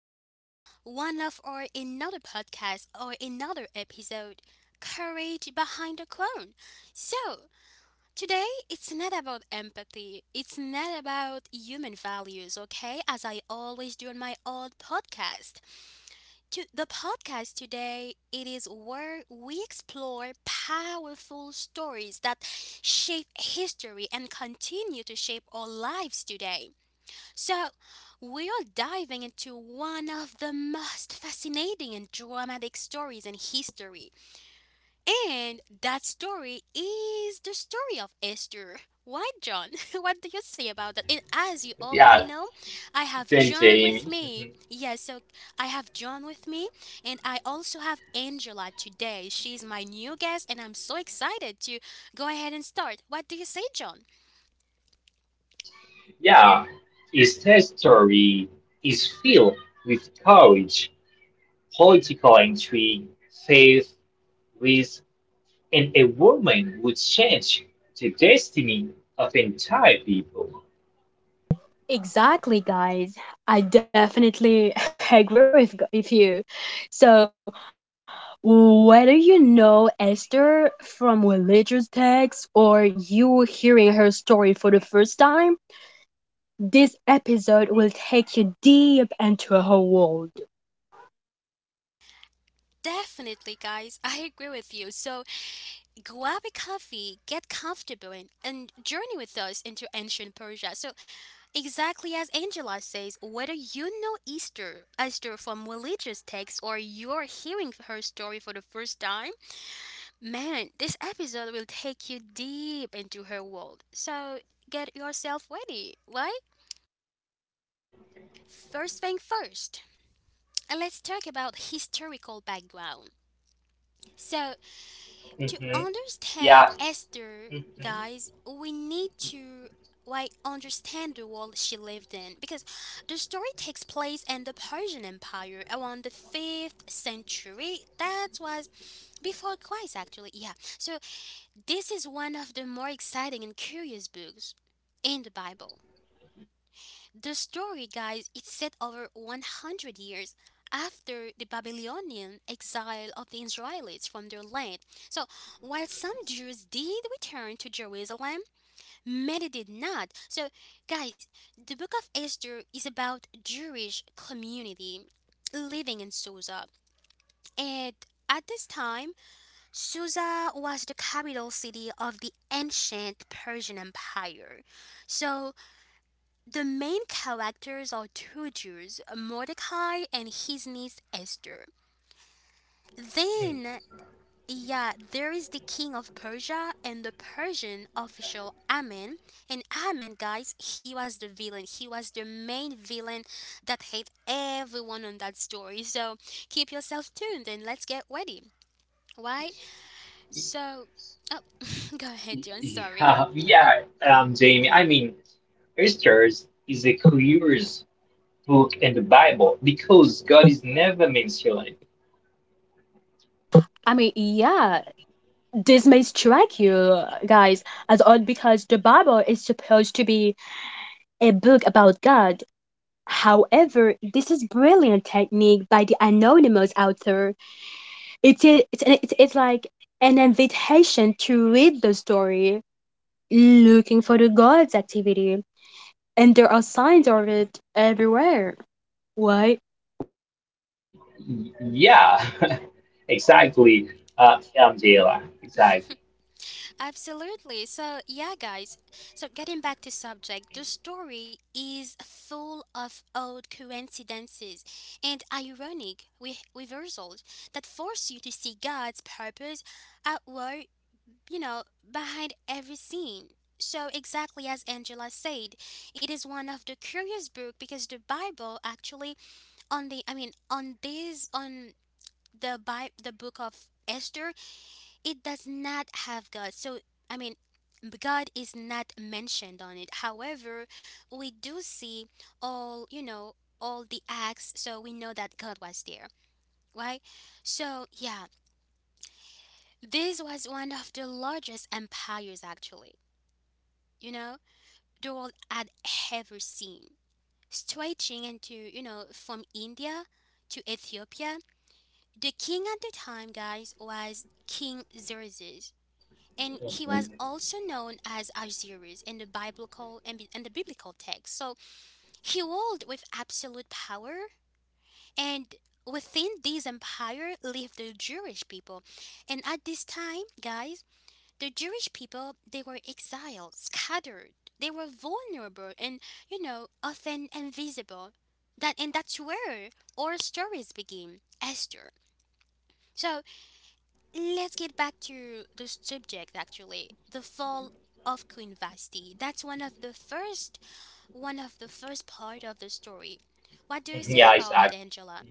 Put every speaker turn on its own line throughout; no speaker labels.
to one of our another podcast or another episode, Courage Behind the Crown." So, today it's not about empathy, it's not about human values, okay? As I always do on my old podcast. To the podcast today, it is where we explore powerful stories that shape history and continue to shape our lives today. So, we are diving into one of the most fascinating and dramatic stories in history. And that story is the story of Esther. Why, John? What do you say about that? And as you already
Yeah,
know, I have
thanks,
John with
Amy.
me.
Mhm.
Yes, so I have John with me, and I also have Angela today. She's my new guest, and I'm so excited to go ahead and start. What do you say, John?
Yeah, his story is filled with courage, political intrigue, faith, risk, and a woman would change the destiny of entire people.
Exactly, guys. I definitely agree with you. So, whether you know Esther from religious texts or you hearing story for the first time, this episode will take you deep into her world.
Definitely, guys. I agree with you. So, grab a coffee, get comfortable, and journey with us into ancient Persia. So, exactly as Angela says, whether you know Easter, Esther from religious texts or you're hearing her story for the first time, man, this episode will take you deep into her world. So, get yourself ready, right? First thing first, let's talk about historical background. So, to
Mhm.
understand
Yeah.
Esther,
Mhm.
guys, we need to like understand the world she lived in because the story takes place in the Persian Empire around the 5th century. That was before Christ actually. Yeah. So this is one of the more exciting and curious books in the Bible. The story, guys, it's set over 100 years after the Babylonian exile of the Israelites from their land. So, while some Jews did return to Jerusalem, many did not. So, guys, the book of Esther is about Jewish community living in Susa. And at this time, Susa was the capital city of the ancient Persian Empire. So, the main characters are two Jews, Mordecai and his niece Esther. Then, yeah, there is the king of Persia and the Persian official Ammon. And Ammon, guys, he was the villain. He was the main villain that hate everyone on that story. So keep yourself tuned and let's get ready, right? So, oh, go ahead, John. Sorry.
Yeah, yeah, Jamie. I mean, Esther is the clearest book in the Bible because God is never mentioned.
Yeah, this may strike you guys as odd because the Bible to be a book about God. However, this is brilliant technique by the anonymous author. It is it's an- it's like an invitation to read the story, looking for the gods activity, and there are signs of it everywhere. Why?
Yeah, exactly. Angela, exactly.
Absolutely. So, yeah, guys. So, getting back to subject, the story is full of odd coincidences and ironic reversals that force you to see God's purpose at work, you know, behind every scene. So, exactly as Angela said, it is one of the curious book because the Bible actually on the I mean on this on the Bi- the book of Esther it does not have God. So, I mean, God is not mentioned on it. However, we do see all, you know, all the acts, so we know that God was there, right? So, yeah, this was one of the largest empires, actually, you know, the world had ever seen. Stretching into, you know, from India to Ethiopia, the king at the time, guys, was King Xerxes. And he was
Mhm.
also known as Azirus in the biblical text. So he ruled with absolute power, and within this empire lived the Jewish people. And at this time, guys, the Jewish people they were exiled, scattered. They were vulnerable and you know often invisible. That's where our stories begin, Esther. So let's get back to the subject actually. The fall of Queen Vashti. That's one of the first part of the story. What do you say
Yeah,
about
exactly.
it, Angela?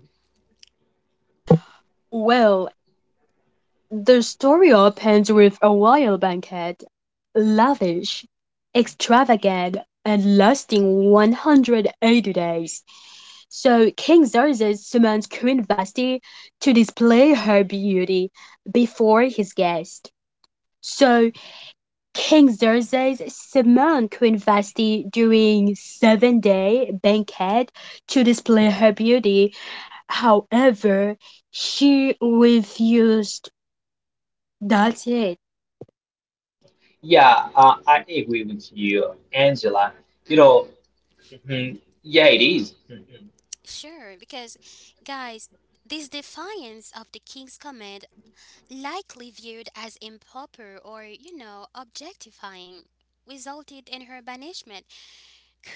Well, the story opens with a royal banquet, lavish, extravagant, and lasting 180 days. So King Xerxes summons Queen Vashti to display her beauty before his guests. So King Xerxes summoned Queen Vashti during seven-day banquet to display her beauty. However, she refused. That's it.
Yeah, I agree with you, Angela. You know,
Mm-hmm.
mhm, yeah, it is. Mhm,
Sure, because guys, this defiance of the king's command likely viewed as improper or, you know, objectifying resulted in her banishment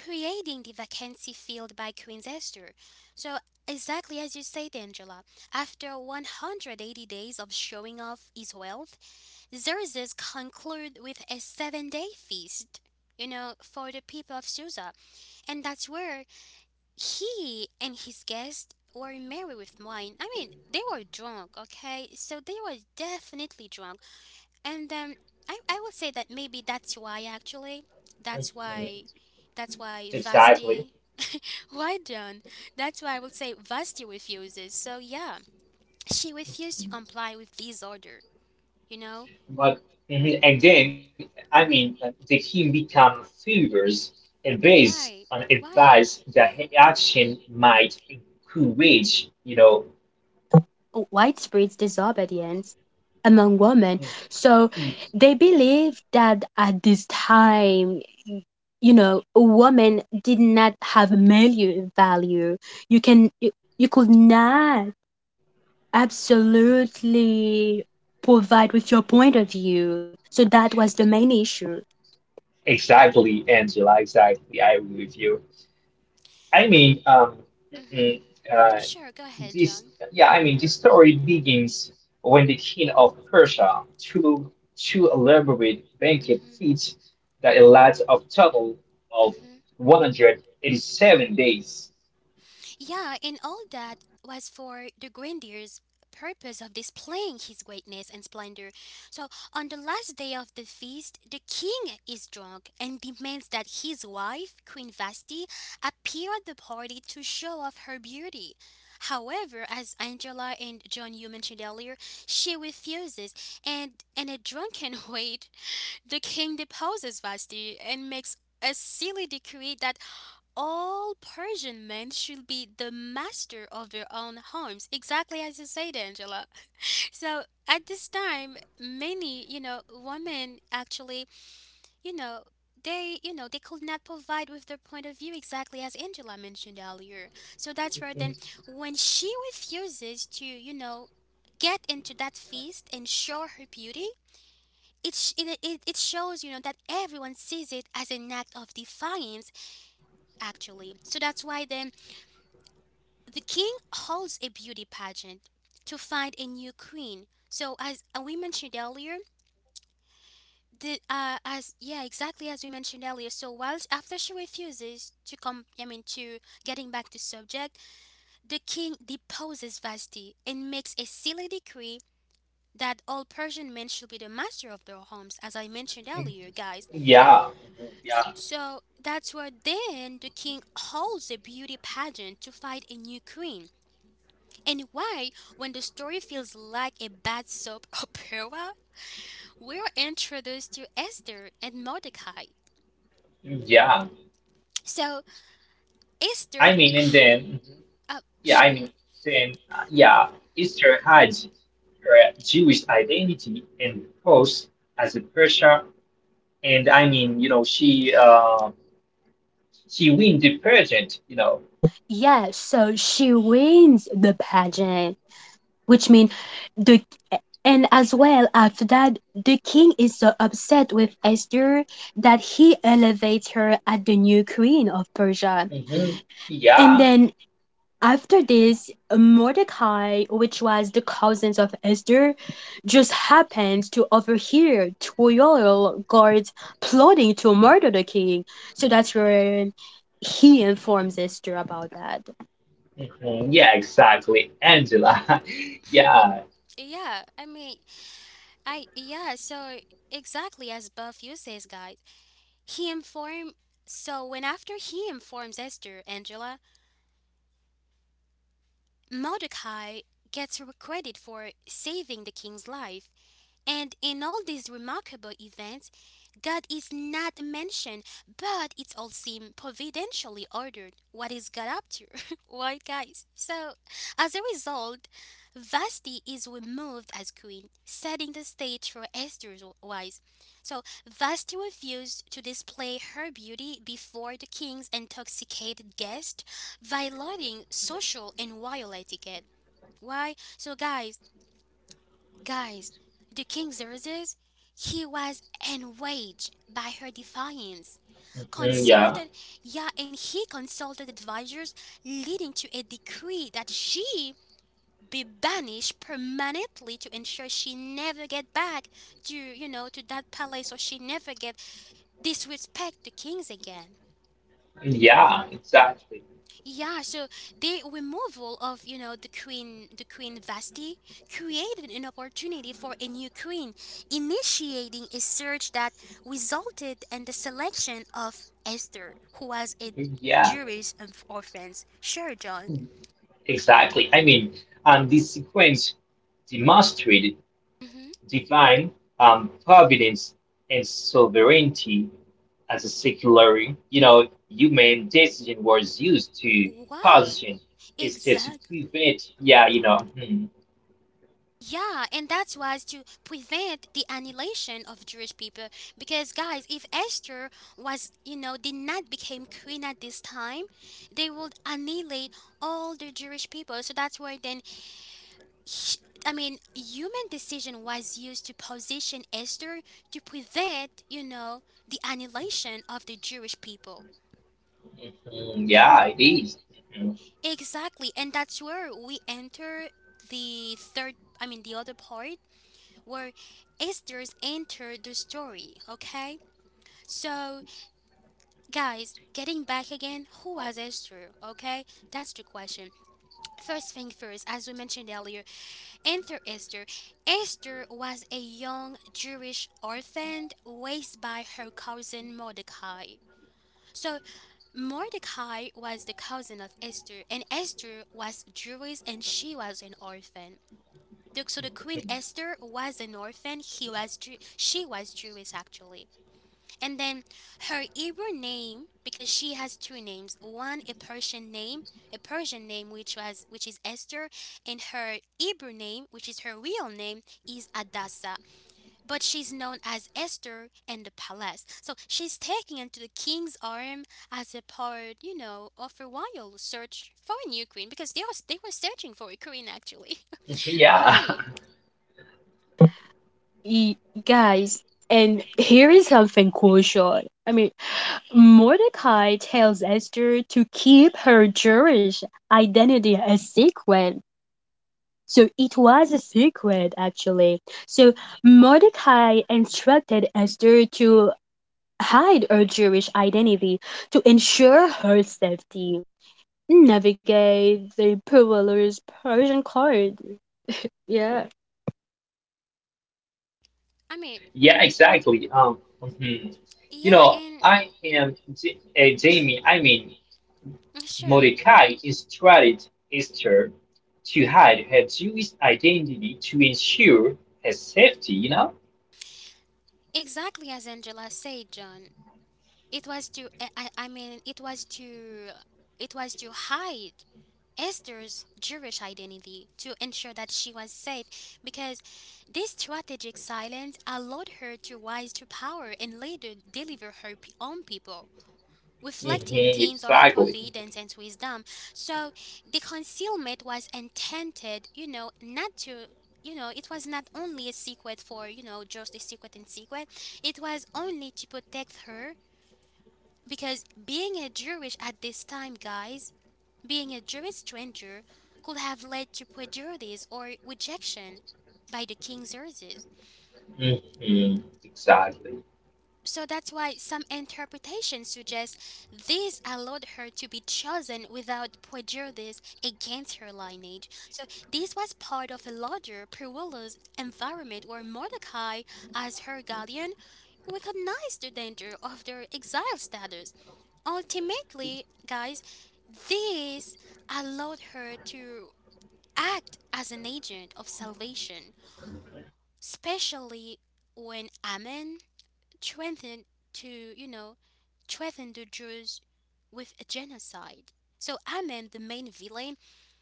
creating the vacancy filled by Queen's Esther. So, exactly as you said, Angela, after 180 days of showing off his wealth, Xerxes conclude with a 7-day feast, you know, for the people of Susa. And that's where he and his guests were merry with wine. I mean, they were drunk, okay? So they were definitely drunk. And I would say that maybe that's why actually that's
mhm,
why that's why
exactly.
Vasti why John? That's why I would say Vasti refuses. So yeah, she refused to comply with this order. You know
But mhm, and then, I mean, the hymn become favors and based
why?
on
Why?
advice that action might encourage, you know.
Widespread disobedience among women. So they believe that at this time, you know, women did not have male value. You can you, you could not absolutely provide with your point of view. So that was the main issue.
Exactly, Angela. Exactly, I agree with you. I
I'm.
mean,
Hmm
mm, uh,
Sure, go ahead,
this
John.
yeah, I mean, this story begins when the king of Persia threw two elaborate banquet feasts that a last of total of
Hmm
187 days.
Yeah, and all that was for the grandiose purpose of displaying his greatness and splendor. So, on the last day of the feast, the king is drunk and demands that his wife, Queen Vasti, appear at the party to show off her beauty. However, as Angela and John you mentioned earlier, she refuses, and in a drunken way, the king deposes Vasti and makes a silly decree that all Persian men should be the master of their own homes, exactly as you said, Angela. So at this time, many, you know, women actually, you know, you know, they could not provide with their point of view exactly as Angela mentioned earlier. So that's where then when she refuses to, you know, get into that feast and show her beauty, it, sh- it shows, you know, that everyone sees it as an act of defiance, actually. So that's why then the king holds a beauty pageant to find a new queen. So as we mentioned earlier, the as yeah exactly as we mentioned earlier. So whilst after she refuses to come, I mean to getting back to subject, the king deposes Vashti and makes a silly decree that all Persian men should be the master of their homes, as I mentioned earlier, guys.
Yeah, yeah,
So that's where then the king holds a beauty pageant to find a new queen. And why, when the story feels like a bad soap opera, we are introduced to Esther and Mordecai.
yeah.
So Esther,
I mean, and then yeah, I
sure,
mean, then yeah, Easter Hajj her Jewish identity and pose as a Persia. And I mean, you know,
yeah,
she win the pageant, you know.
Yeah, so she wins the pageant, which means the and as well after that the king is so upset with Esther that he elevates her as the new queen of Persia.
Hmm.
And
Yeah.
then after this, Mordecai, which was the cousin of Esther, just happened to overhear two royal guards plotting to murder the king. So that's where he informs Esther about that.
Hmm. Yeah, exactly, Angela. Yeah.
yeah. I mean, I yeah. So exactly as Buff you says, guys. He inform. So when after he informs Esther, Angela, Mordecai gets credit for saving the king's life. And in all these remarkable events, God is not mentioned, but it all seems providentially ordered. What is God up to? right, guys? So, as a result, Vashti is removed as queen, setting the stage for Esther's rise. So, Vashti refused to display her beauty before the king's intoxicated guest violating social and royal etiquette. Why? So, guys, the king Xerxes, he was enraged by her defiance.
Hmm. Yeah.
Consulted, yeah, and he consulted advisors, leading to a decree that she be banished permanently to ensure she never get back to you know to that palace or she never get disrespect the kings again.
Yeah, exactly.
Yeah, so the removal of you know the queen Vasti, created an opportunity for a new queen, initiating a search that resulted in the selection of Esther, who was a
Yeah,
Jewish of orphans. Sure, John.
exactly. I mean, and this sequence demonstrated
hmm
divine providence and sovereignty as a secular, you know, human decision was used to
Why?
position instead to
Exactly.
prevent. Yeah, you know. Mhm,
Yeah, and that's why to prevent the annihilation of Jewish people. Because guys, if Esther was, you know, did not become queen at this time, they would annihilate all the Jewish people. So that's why then, sh- I mean, human decision was used to position Esther to prevent, you know, the annihilation of the Jewish people.
mhm, yeah, it is.
Exactly, and that's where we enter the third. I mean, the other part where Esther's enter the story, okay? So, guys, getting back again, who was Esther, okay? That's the question. First thing first, as we mentioned earlier, enter Esther. Esther was a young Jewish orphan raised by her cousin Mordecai. So, Mordecai was the cousin of Esther, and Esther was Jewish and she was an orphan. So the queen
Mhm,
Esther was an orphan. She was Jewish actually. And then her Hebrew name, because she has two names, one a Persian name which is Esther, and her Hebrew name, which is her real name, is Adassa. But she's known as Esther in the palace. So she's taken into the king's arm as a part, you know, of a royal search for a new queen because they were searching for a queen actually.
mhm, yeah,
Why?
Y- Guys, and here is something crucial. I mean, Mordecai tells Esther to keep her Jewish identity a secret. So it was a secret, actually. So Mordecai instructed Esther to hide her Jewish identity to ensure her safety, navigate the perilous Persian court. Yeah.
I mean,
yeah,
y-
exactly. Mhm. You
yeah,
know,
and
Jamie. I mean,
sure.
Mordecai is tried Esther to hide her Jewish identity to ensure her safety. You know.
Exactly as Angela said, John. It was to I mean it was to It was to hide Esther's Jewish identity to ensure that she was safe because this strategic silence allowed her to rise to power and later deliver her own people,
Hmm,
reflecting themes of
exactly.
providence and wisdom. So the concealment was intended, you know, not to. You know, it was not only a secret for, you know, just a secret. It was only to protect her because being a Jewish at this time, guys, being a Jewish stranger could have led to prejudice or rejection by the king's uses.
Hmm, exactly.
So that's why some interpretations suggest this allowed her to be chosen without prejudice against her lineage. So this was part of a larger perilous environment where Mordecai, as her guardian, recognized the danger of their exile status. Ultimately, guys, this allowed her to act as an agent of salvation, especially when Ammon threatened to, you know, threaten the Jews with a genocide. So Ammon, the main villain,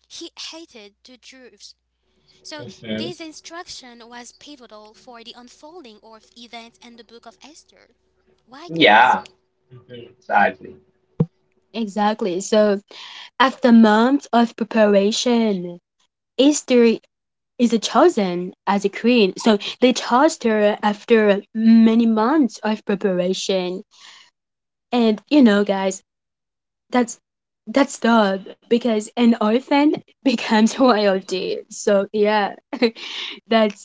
he hated the Jews. So
Okay.
this instruction was pivotal for the unfolding of events in the book of Esther. Why, guys?
Yeah, okay, exactly.
Exactly. So, after months of preparation, Esther is chosen as a queen. So they chose her after many months of preparation. And you know, guys, that's that's tough because an orphan becomes royalty. So yeah, that's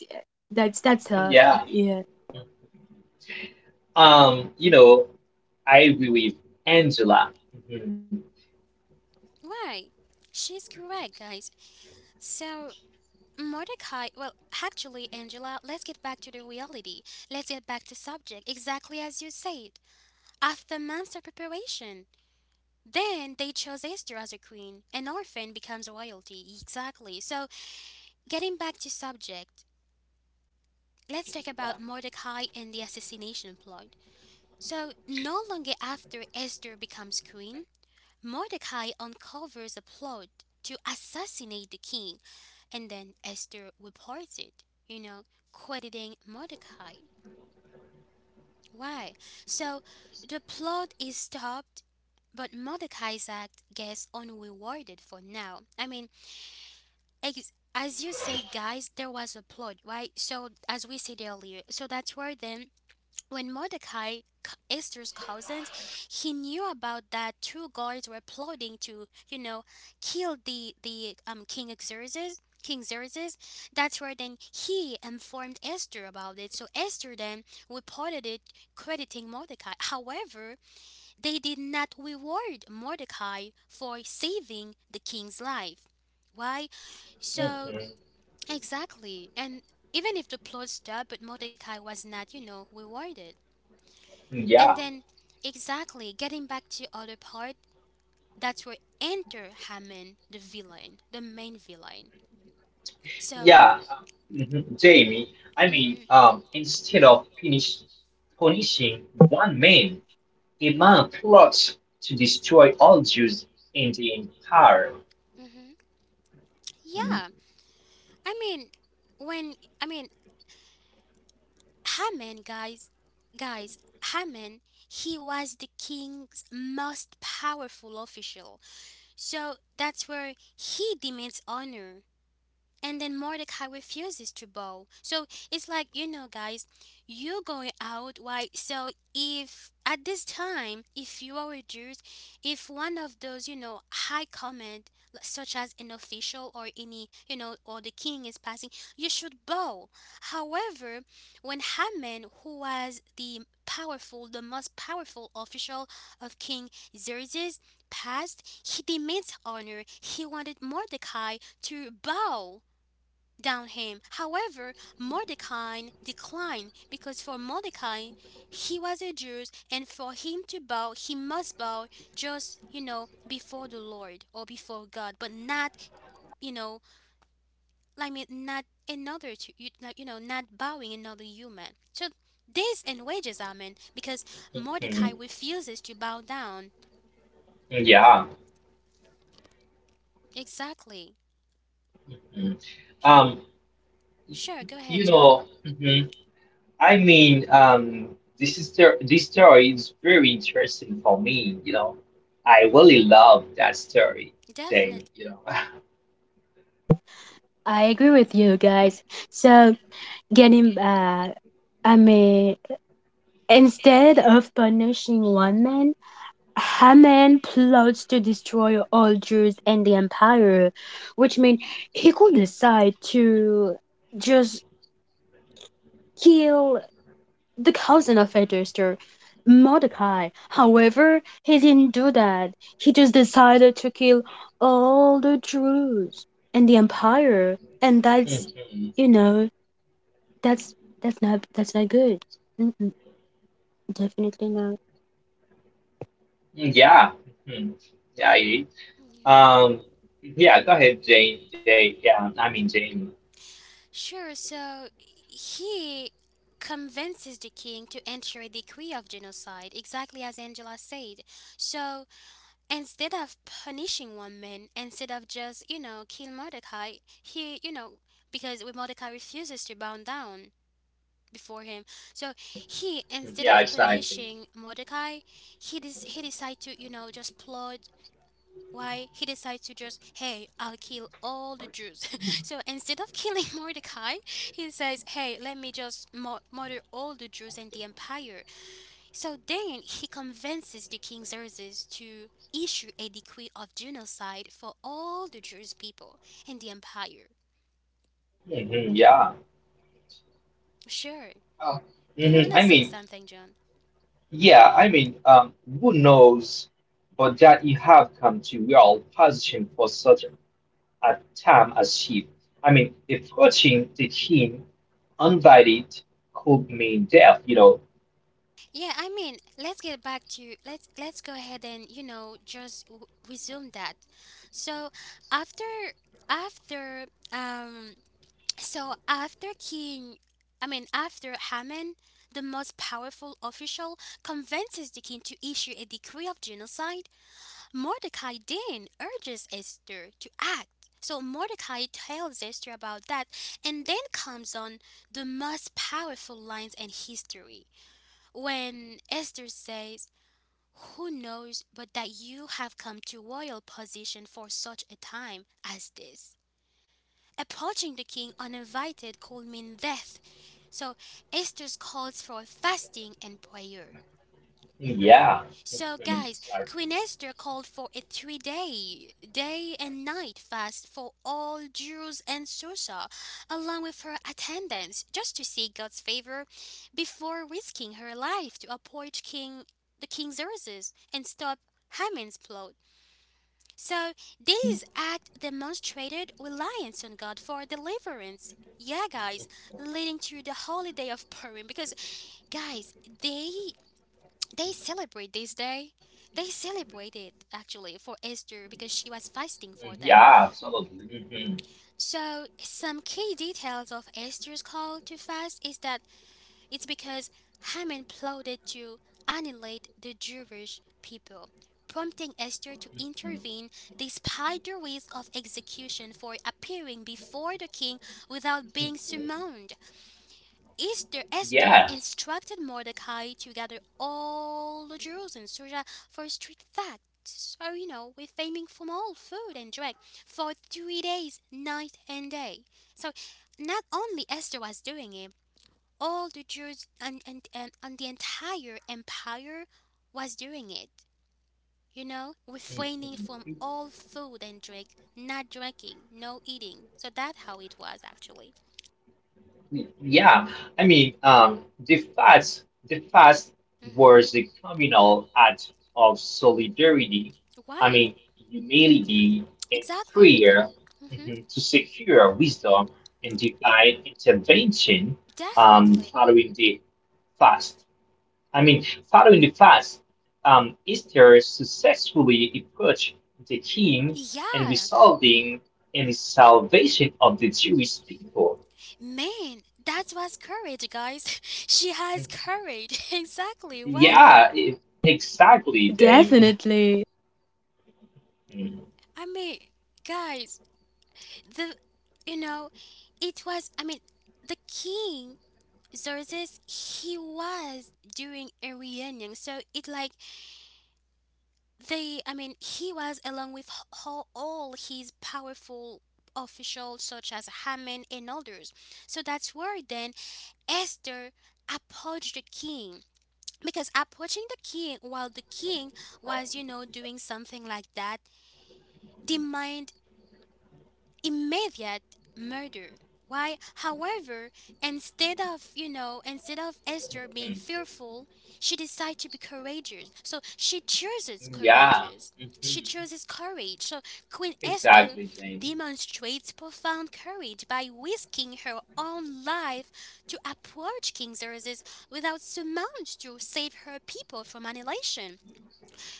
that's that's tough.
Yeah.
Yeah,
You know, I agree with Angela. Okay. Mhm.
Why? She's correct, guys. So Mordecai, well, actually, Angela, let's get back to the reality. Let's get back to subject, exactly as you said. After months of preparation, then they chose Esther as a queen. An orphan becomes royalty, exactly. So, getting back to subject, let's talk about Mordecai and the assassination plot. So, no longer after Esther becomes queen, Mordecai uncovers a plot to assassinate the king, and then Esther reports it, you know, crediting Mordecai. Why? So the plot is stopped, but Mordecai's act gets unrewarded for now. I mean, as you say, guys, there was a plot, right? So, as we said earlier, so that's where then when Mordecai, Esther's cousin, he knew about that two guards were plotting to, you know, kill the King Xerxes. King Xerxes. That's where then he informed Esther about it. So Esther then reported it, crediting Mordecai. However, they did not reward Mordecai for saving the king's life. Why? So
Okay.
exactly, and even if the plot stopped, but Mordecai was not, you know, rewarded. And
Yeah,
then, exactly, getting back to other part, that's where enter Hammond, the villain, the main villain. So,
yeah, mhm, Jamie. I mean,
hmm
punishing one man, a man plots to destroy all Jews in the empire.
hmm yeah. I mean, when I mean Hammond, guys, guys, Hammond, he was the king's most powerful official. So that's where he demands honor and then Mordecai refuses to bow. So it's like, you know, guys, you going out, why? So if at this time, if you are a Jew, if one of those, you know, high command, such as an official or any, you know, or the king is passing, you should bow. However, when Haman, who was the powerful, the most powerful official of King Xerxes, passed, he demands honor. He wanted Mordecai to bow Downham. However, Mordecai declined because for Mordecai, he was a Jew, and for him to bow, he must bow just, you know, before the Lord or before God, but not, you know, not another, to, you like, you know, not bowing another human. So this and wages are meant because Mordecai
Okay.
refuses to bow down.
Yeah.
Exactly.
Okay. Um,
Sure, go ahead,
you
John.
know, mhm, I mean, this story is very interesting for me. You know, I really love that story, Jane.
Definitely.
You know,
I agree with you guys. So getting back, I mean, instead of punishing one man, Haman plots to destroy all Jews and the empire, which means he could decide to just kill the cousin of Esther, Mordecai. However, he didn't do that. He just decided to kill all the Jews and the empire, and that's,
Mhm.
you know, that's that's not that's not good. Mm-mm, definitely not.
Yeah, mhm. Yeah, I did.
Yeah.
Um, yeah. Go ahead, Jane. Jane. Yeah, I mean Jamie.
Sure, so he convinces the king to enter a decree of genocide, exactly as Angela said. So instead of punishing one man, instead of just, you know, kill Mordecai, he, you know, because when Mordecai refuses to bow down before him. So he, instead
Yeah,
of
exactly.
punishing Mordecai, he decided to, you know, just plot why he decides to just, hey, I'll kill all the Jews. So instead of killing Mordecai, he says, hey, let me just murder all the Jews and the empire. So then he convinces the king Xerxes to issue a decree of genocide for all the Jewish people and the empire.
Hmm, yeah.
Sure.
Oh.
Do you
Hmm.
want to
I
say
mean,
something, John?
yeah, I mean, who knows, but that you have come to real position for such at time as chief. I mean, approaching the king uninvited could mean death. You know,
Yeah, I mean, let's get back to let's go ahead and you know just resume that. So after after um so after King, I mean after Haman, the most powerful official convinces the king to issue a decree of genocide. Mordecai then urges Esther to act. So Mordecai tells Esther about that, and then comes on the most powerful lines in history. When Esther says, who knows but that you have come to royal position for such a time as this? Approaching the king uninvited could mean death, so Esther calls for fasting and prayer.
yeah,
So,
mhm,
guys, Queen Esther called for a 3-day, day and night fast for all Jews and Susa, along with her attendants, just to seek God's favor before risking her life to approach King the King Xerxes and stop Haman's plot. So, this act demonstrated reliance on God for deliverance. Yeah, guys, leading to the holiday of Purim because, guys, they they celebrate this day. They celebrated actually for Esther because she was fasting for them.
yeah, absolutely.
So, some key details of Esther's call to fast is that it's because Haman plotted to annihilate the Jewish people, prompting Esther to intervene despite the risk of execution for appearing before the king without being summoned.
Mhm,
Esther instructed Mordecai to gather all the Jews in Susa for a strict fact. So, you know, we're faming from all food and drink for 3 days, night and day. So, not only Esther was doing it, all the Jews and the entire empire was doing it. You know, refraining from
yeah.
all food and drink, not drinking, no eating. So that's how it was actually.
Yeah, I mean, the fast
hmm
was a communal act of solidarity. I
Why?
mean, humility and
Exactly.
prayer
Mm-hmm.
mhm, to secure wisdom and divine intervention. Um,
Definitely.
following the fast, I mean, following the fast, Esther successfully approached the king and
Yeah.
resulting in the salvation of the Jewish people.
Man, that was courage, guys. She has courage. Exactly, right?
Yeah, e- exactly, Jamie.
Definitely.
Mhm.
I mean, guys, the you know, it was. I mean, the king Xerxes he was during a reunion. So it like he was along with all his powerful officials such as Haman and others. So that's where then Esther approached the king because approaching the king while the king was you know doing something like that the mind immediate murder. Why, however, instead of, you know, instead of Esther being fearful, she decides to be courageous. So she chooses
Yeah,
courageous. She
mhm,
chooses courage. So Queen Esther
exactly, Jamie.
demonstrates profound courage by risking her own life to approach King Xerxes without surmount to save her people from annihilation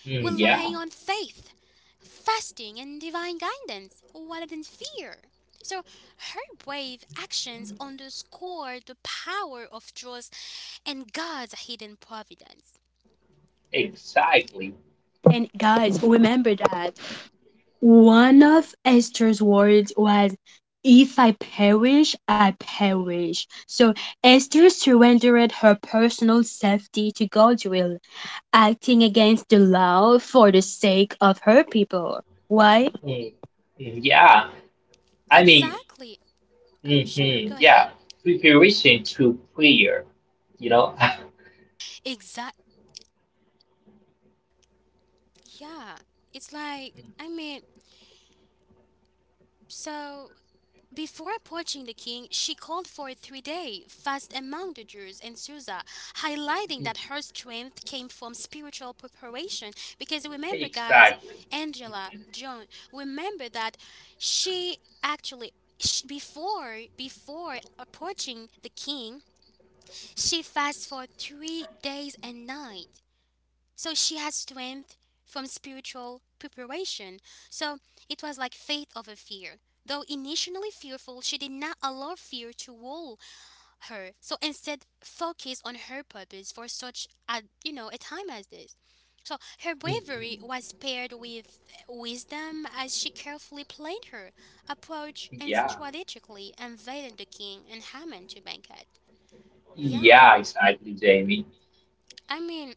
Mm, yeah,
relying on faith, fasting, and divine guidance rather than fear. So her brave actions underscore the power of trust and God's hidden providence.
exactly.
And guys, remember that. One of Esther's words was, "If I perish, I perish." So Esther surrendered her personal safety to God's will, acting against the law for the sake of her people. Why?
Mm, Yeah, I mean,
Exactly. Sure,
mhm,
go ahead.
yeah, preparation to prayer, you know?
Exact. Yeah. It's like, I mean, so before approaching the king, she called for a 3-day fast among the Jews in Susa, highlighting
Mhm,
that her strength came from spiritual preparation. Because remember, guys,
exactly.
Angela, John, remember that she actually. Sh Before approaching the king she fasts for 3 days and night so she had strength from spiritual preparation. So it was like faith over fear. Though initially fearful, she did not allow fear to rule her. So instead, focused on her purpose for such a you know a time as this. So her
Mhm.
bravery was paired with wisdom as she carefully planned her approach and
Yeah,
strategically invited the king and Haman to banquet. Yeah,
yeah, exactly, Jamie.
I mean,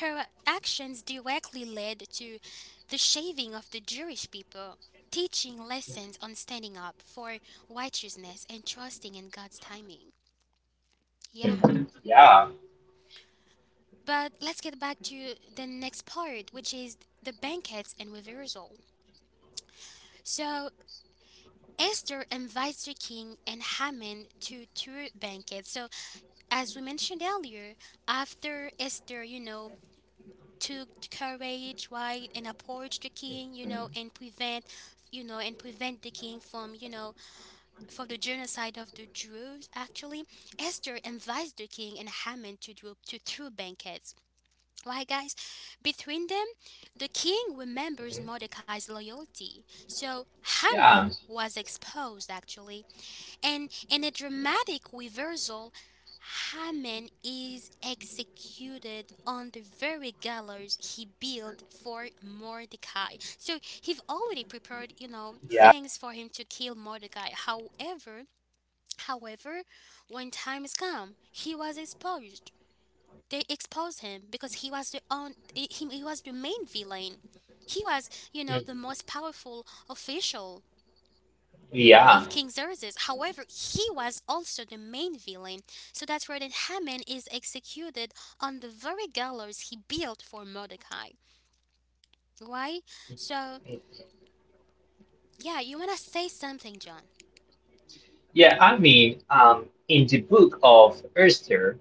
her actions directly led to the shaving of the Jewish people, teaching lessons on standing up for righteousness and trusting in God's timing. Yeah.
Mhm. Yeah,
But let's get back to the next part, which is the banquets and reversal. So Esther invites the king and Haman to two banquets. So as we mentioned earlier, after Esther, you know, took courage, right, and approach the king, you know,
mhm,
and prevent, you know, and prevent the king from, you know, from the genocide of the Druze. Actually, Esther invites the king and Haman to do to two banquets. Right, guys? Between them, the king remembers Mordecai's loyalty. So Haman
yeah,
was exposed actually and in a dramatic reversal, Haman is executed on the very gallows he built for Mordecai. So he've already prepared, you know, things for him to kill Mordecai. However, when time has come, he was exposed. They exposed him because he was the own, he was the main villain. He was, you know, the most powerful official
yeah,
of
mhm,
King Xerxes. However, he was also the main villain, so that Rodan-Haman is executed on the very gallows he built for Mordecai. Why? So,
yeah.
yeah, you wanna say something, John?
Yeah, I mean, in the book of Esther,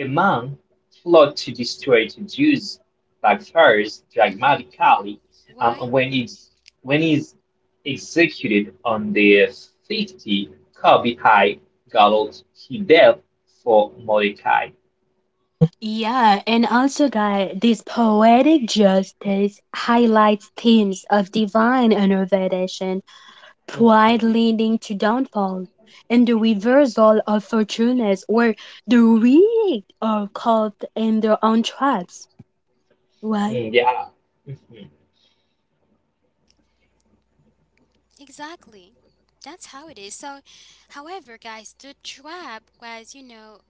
a man plot to destroy the Jews backfires
Mm-hmm.
dramatically
Why?
um, when he's when he's executed on the 50 cubby high gallows he built for Mordecai.
Yeah, and also, guys, this poetic justice highlights themes of divine intervention, pride
Mhm.
leading to downfall, and the reversal of fortunes where the weak are caught in their own traps. Why?
Mm, yeah. Mhm.
Exactly. That's how it is. So, however, guys, the trap was, you know,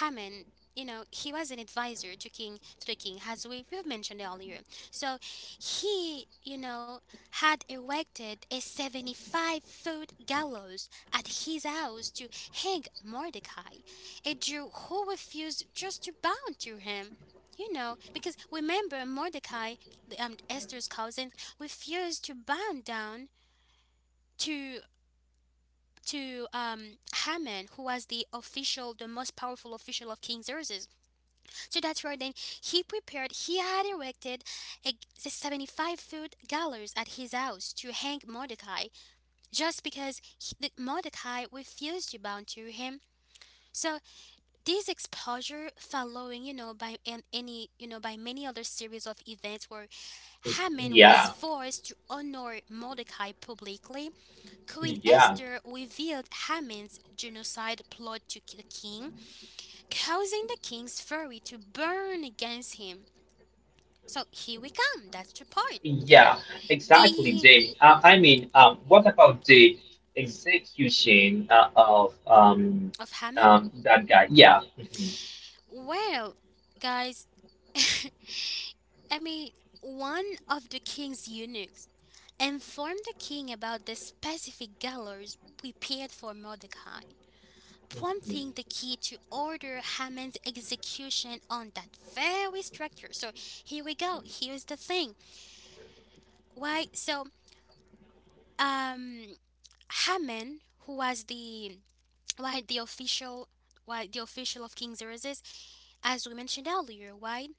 Haman, you know, he was an advisor to king to the king, as we mentioned earlier. So he, you know, had erected a 75-foot gallows at his house to hang Mordecai, a Jew who refused just to bow to him. You know, because remember Mordecai, Esther's cousin, refused to bow down to to um, Haman, who was the official, the most powerful official of King Xerxes. So that's where then he prepared, he had erected a, the 75-foot gallows at his house to hang Mordecai, just because Mordecai refused to bow to him. So this exposure following, you know, you know, by many other series of events where
Mm,
Haman was
yeah.
forced to honor Mordecai publicly, Queen
Yeah.
Esther revealed Haman's genocide plot to the king, causing the king's fury to burn against him. So here we come. That's the part.
Yeah, exactly,
The
Jamie. I mean, what about the execution of
of Haman.
that guy? Yeah. Mhm.
Well, guys, I mean, one of the king's eunuchs informed the king about the specific gallows prepared for Mordecai, prompting
Mhm.
the king to order Haman's execution on that very structure. So here we go. Here's the thing. Why? Um, Haman, who was the why the official of King Xerxes as we mentioned earlier, why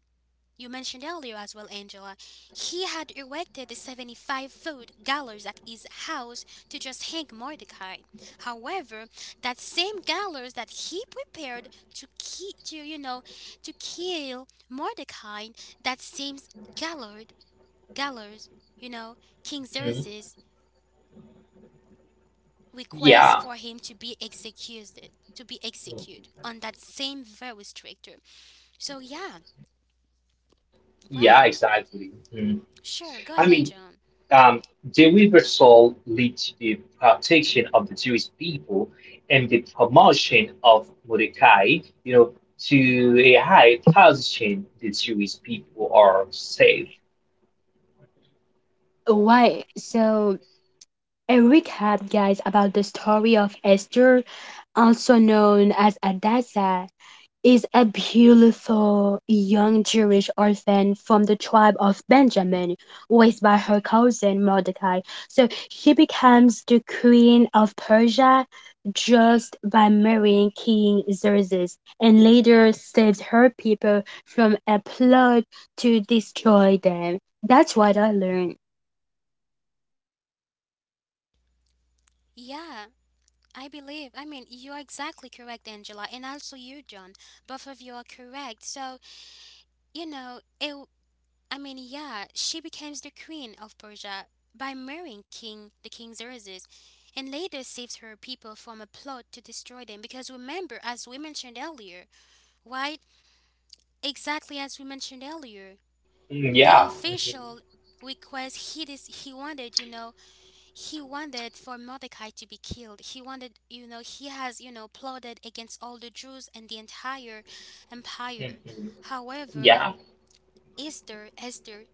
You mentioned earlier as well, Angela. He had erected the 75-foot gallows at his house to just hang Mordecai. However, that same gallows that he prepared to ki- to you know to kill Mordecai, that same gallows gallows, you know, King
Mhm.
Xerxes requests
Yeah.
for him to be executed
Mhm.
on that same very stricter. So yeah, why?
Yeah, exactly. Mhm.
Sure, go
I
ahead,
mean,
John.
um, the reversal led to the protection of the Jewish people and the promotion of Mordecai, you know, to a high position. The Jewish people are saved.
Why? So, a recap, guys, about the story of Esther, also known as Hadassah, is Abihulithah, a young Jewish orphan from the tribe of Benjamin, raised by her cousin Mordecai. So she becomes the queen of Persia just by marrying King Xerxes, and later saves her people from a plot to destroy them. That's what I learned.
Yeah, I believe. I mean, you are exactly correct, Angela, and also you, John. Both of you are correct. So, you know, I mean, yeah, she becomes the queen of Persia by marrying King the King Xerxes, and later saves her people from a plot to destroy them. Because remember, as we mentioned earlier, right? Exactly as we mentioned earlier,
Mm,
the
yeah. Mhm.
official request he wanted, you know, he wanted for Mordecai to be killed. He wanted, you know, he has, you know, plotted against all the Jews and the entire empire.
Mhm.
However,
Yeah,
Esther,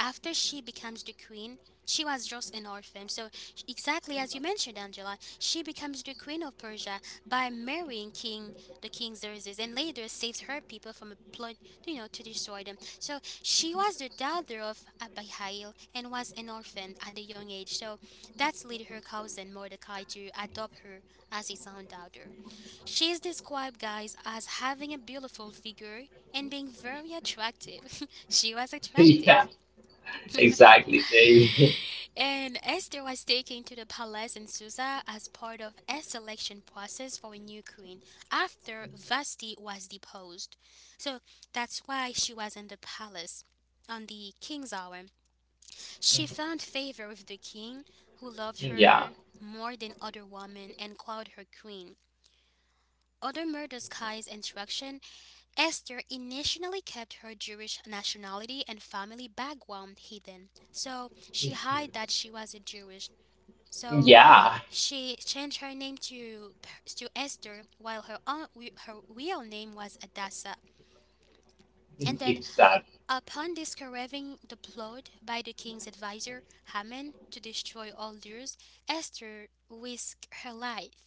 after she becomes the queen, she was just an orphan. So, exactly as you mentioned, Angela, she becomes the queen of Persia by marrying King the King Xerxes, and later saves her people from a plot, you know, to destroy them. So, she was the daughter of Abihail and was an orphan at a young age. So, that's led her cousin Mordecai to adopt her as his own daughter. She is described, guys, as having a beautiful figure and being very attractive. She was
yeah,
attractive.
exactly, Jamie.
And Esther was taken to the palace in Susa as part of a selection process for a new queen after Vashti was deposed. So that's why she was in the palace on the king's hour. She found favor with the king, who loved
Yeah.
her more than other women and called her queen. Under Mordecai's instruction, Esther initially kept her Jewish nationality and family background hidden, so she hid
Mhm,
that she was a Jewish. So
yeah,
she changed her name to Esther, while her aunt, her real name was Adassa. And then
exactly.
upon discovering the plot by the king's advisor Haman to destroy all Lures, Esther risked her life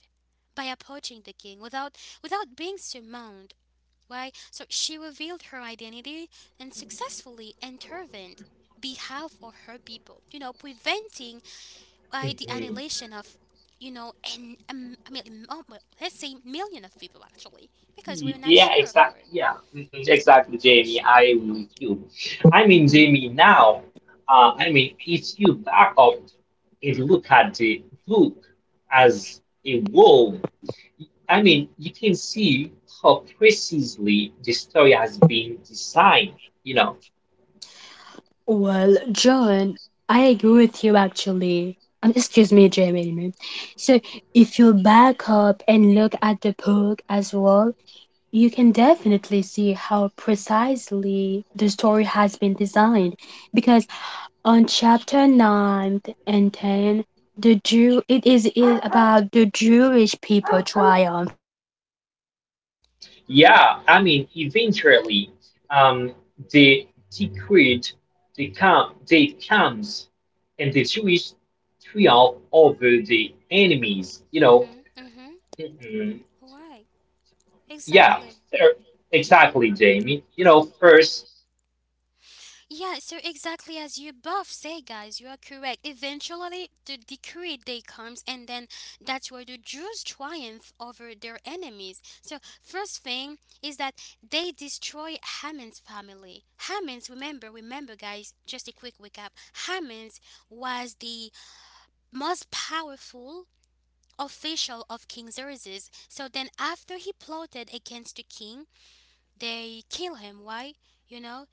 by approaching the king without being summoned. Why? So she revealed her identity and successfully intervened behalf of her people. You know, preventing why the
Mhm.
annihilation of, you know, and well, let's say million of people actually because we're not
Yeah,
sure for
exactly. Yeah, mhm, exactly, Jamie.
sure.
I agree with you. I mean,
Mm-hmm.
Jamie, now, I mean, if you back up and look at the book as a whole, I mean, you can see how precisely the story has been designed. You know.
Well, John, I agree with you actually. And excuse me, Jamie. So, if you back up and look at the book as well, you can definitely see how precisely the story has been designed. Because on chapter 9 and 10, the Jew it is about the Jewish people triumph.
Yeah, I mean, eventually, um, the decreed become they comes, and the Jewish triumph over the enemies. You know,
Mm-hmm. Mm-hmm.
mm-mm,
Right.
yeah,
Exactly.
er, exactly, Jamie. You know, first,
Yeah, so exactly as you both say, guys, you are correct. Eventually, the decree day comes, and then that's where the Jews triumph over their enemies. So, first thing is that they destroy Haman's family. Haman's, remember, guys, just a quick recap. Haman's was the most powerful official of King Xerxes. So then, after he plotted against the king, they kill him, why, you know,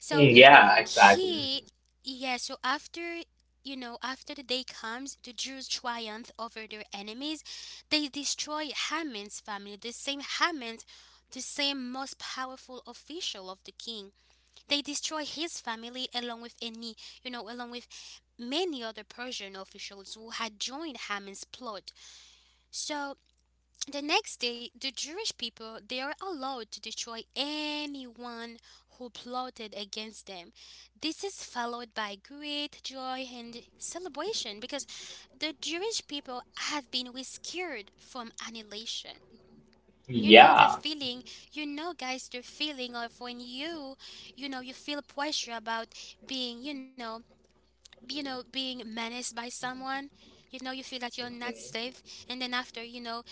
so
mm, yeah, exactly,
he, yeah, so after, you know, after the day comes, the Jews triumph over their enemies. They destroy Haman's family, the same Haman, the same most powerful official of the king. They destroy his family along with any, you know, along with many other Persian officials who had joined Haman's plot. So the next day, the Jewish people they are allowed to destroy anyone who plotted against them. This is followed by great joy and celebration because the Jewish people have been rescued from annihilation. You know the
yeah.
feeling, you know guys the feeling of when you know, you feel pressure about being, you know being menaced by someone. You know you feel that you're not
Mm-hmm.
safe, and then after, you know,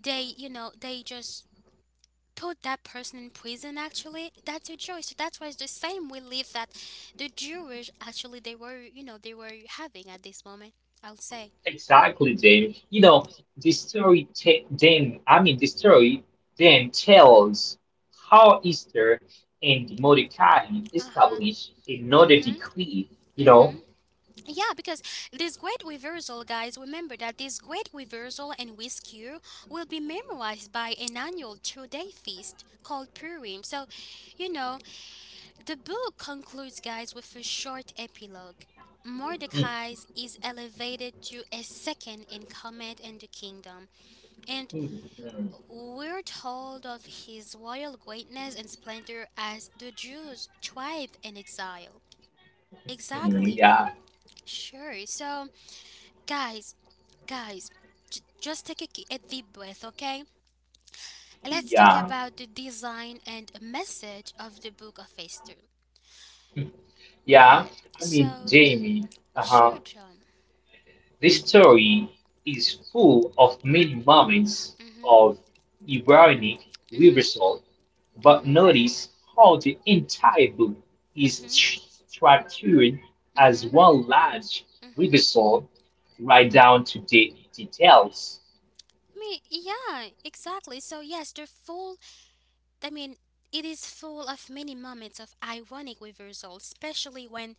they, you know, they just put that person in prison actually. That's your choice, so that's why it's the same we live that. The Jewish actually they were, you know, they were having at this moment, I would say.
Exactly, Jamie. You know, the story ta- then, I mean, the story then tells how Esther and Mordecai
Uh-huh.
establish another
Mm-hmm.
decree. You
Mm-hmm.
know,
Yeah, because this great reversal, guys, remember that this great reversal and rescue will be memorized by an annual two-day feast called Purim. So, you know, the book concludes, guys, with a short epilogue.
mm,
Mordecai is elevated to a second in command in the kingdom, and
mm, mm,
we're told of his royal greatness and splendor as the Jews' tribe in exile.
mm,
Exactly,
yeah,
sure. So, guys, guys, just take a, a deep breath, okay? Let's talk
yeah,
about the design and message of the book of Esther.
mm, yeah.
Why?
I mean,
So,
Jamie, uh-huh.
sure, John.
This story is full of many moments
Mhm.
of ironic
Mhm.
reversal, but
Mhm.
notice how the entire book is
Mhm.
structured as
Mhm.
one large
Mhm.
reversal, right down to the details.
I mean, yeah, exactly. So yes, they're full. I mean, it is full of many moments of ironic reversal, especially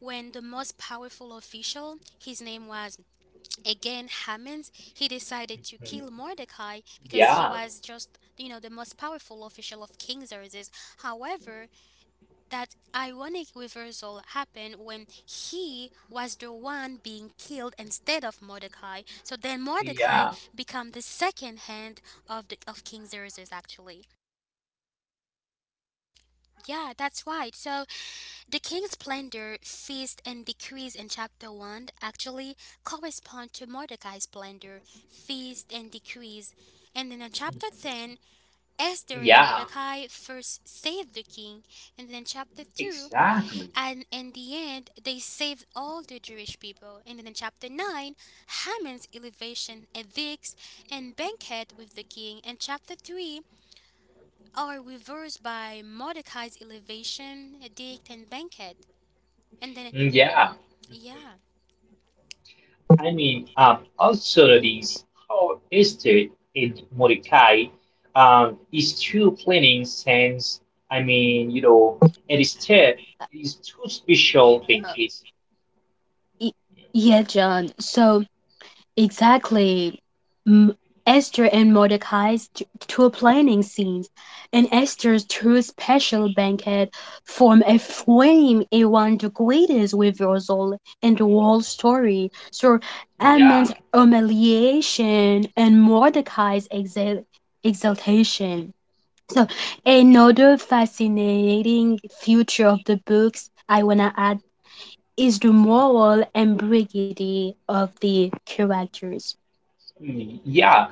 when the most powerful official, his name was again Hammonds, he decided to
Mm,
kill Mordecai because he
yeah,
was just, you know, the most powerful official of King Xerxes. However, that ironic reversal happened when he was the one being killed instead of Mordecai. So then Mordecai
yeah,
became the second hand of King Xerxes actually. Yeah, that's right. So the king's splendor, feast, and decrease in chapter 1 actually correspond to Mordecai's splendor, feast, and decrease. And then in chapter 10, Esther and
yeah,
Mordecai first save the king. And then chapter 2,
exactly.
and in the end, they saved all the Jewish people. And in chapter 9, Haman's elevation edicts and banquet with the king. And chapter 3 are reversed by Mordecai's elevation edict and banquet. And then,
Mm, yeah.
yeah.
I mean, also notice how Esther and Mordecai is two planning sense. I mean, you know, and Esther is two special banquets.
Y- Yeah, John. So, exactly. M- Esther and Mordecai's two planning scenes and Esther's two special banquet form a frame around the greatest reversal in the whole story. So
Yeah,
Amman's humiliation and Mordecai's exaltation. So another fascinating feature of the books I wanna add is the moral ambiguity of the characters.
mm, yeah.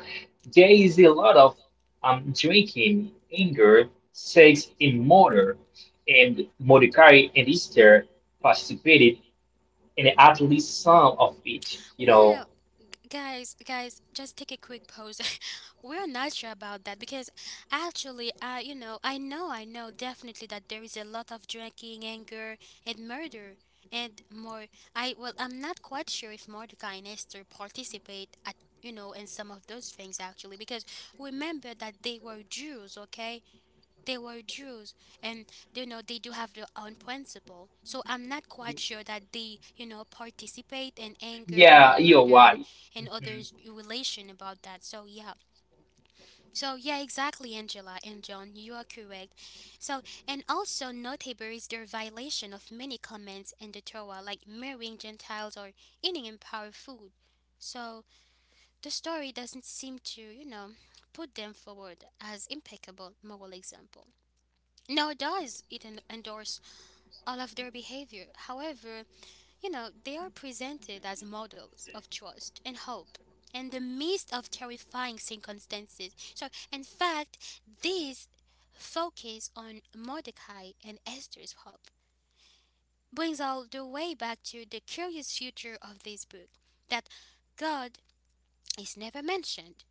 There is a lot of drinking, anger, sex in murder, and Mordecai and Esther participated in at least some of it. You know.
Well, guys, guys, just take a quick pause. We're not sure about that because actually, you know, I know definitely that there is a lot of drinking, anger, and murder, and more. I well, I'm not quite sure if Mordecai and Esther participate at, you know, in some of those things actually because remember that they were Jews, okay? They were Jews, and you know they do have their own principle. So I'm not quite sure that they, you know, participate in anger, you
Yeah,
know,
you're
murder
right.
and
Mhm.
others relation about that. So yeah. So yeah, exactly, Angela and John, you are correct. So and also notable is their violation of many commandments in the Torah, like marrying Gentiles or eating empowered food. So the story doesn't seem to, you know, put them forward as impeccable moral example. No, it does. It endorse all of their behavior. However, you know, they are presented as models of trust and hope in the midst of terrifying circumstances. So, in fact, this focus on Mordecai and Esther's hope brings all the way back to the curious future of this book that God is never mentioned.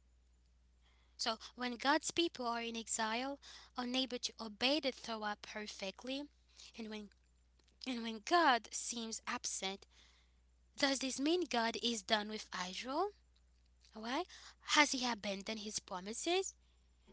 So, when God's people are in exile, unable to obey the Torah perfectly, and when and when God seems absent, does this mean God is done with Israel? Why? Has he abandoned his promises?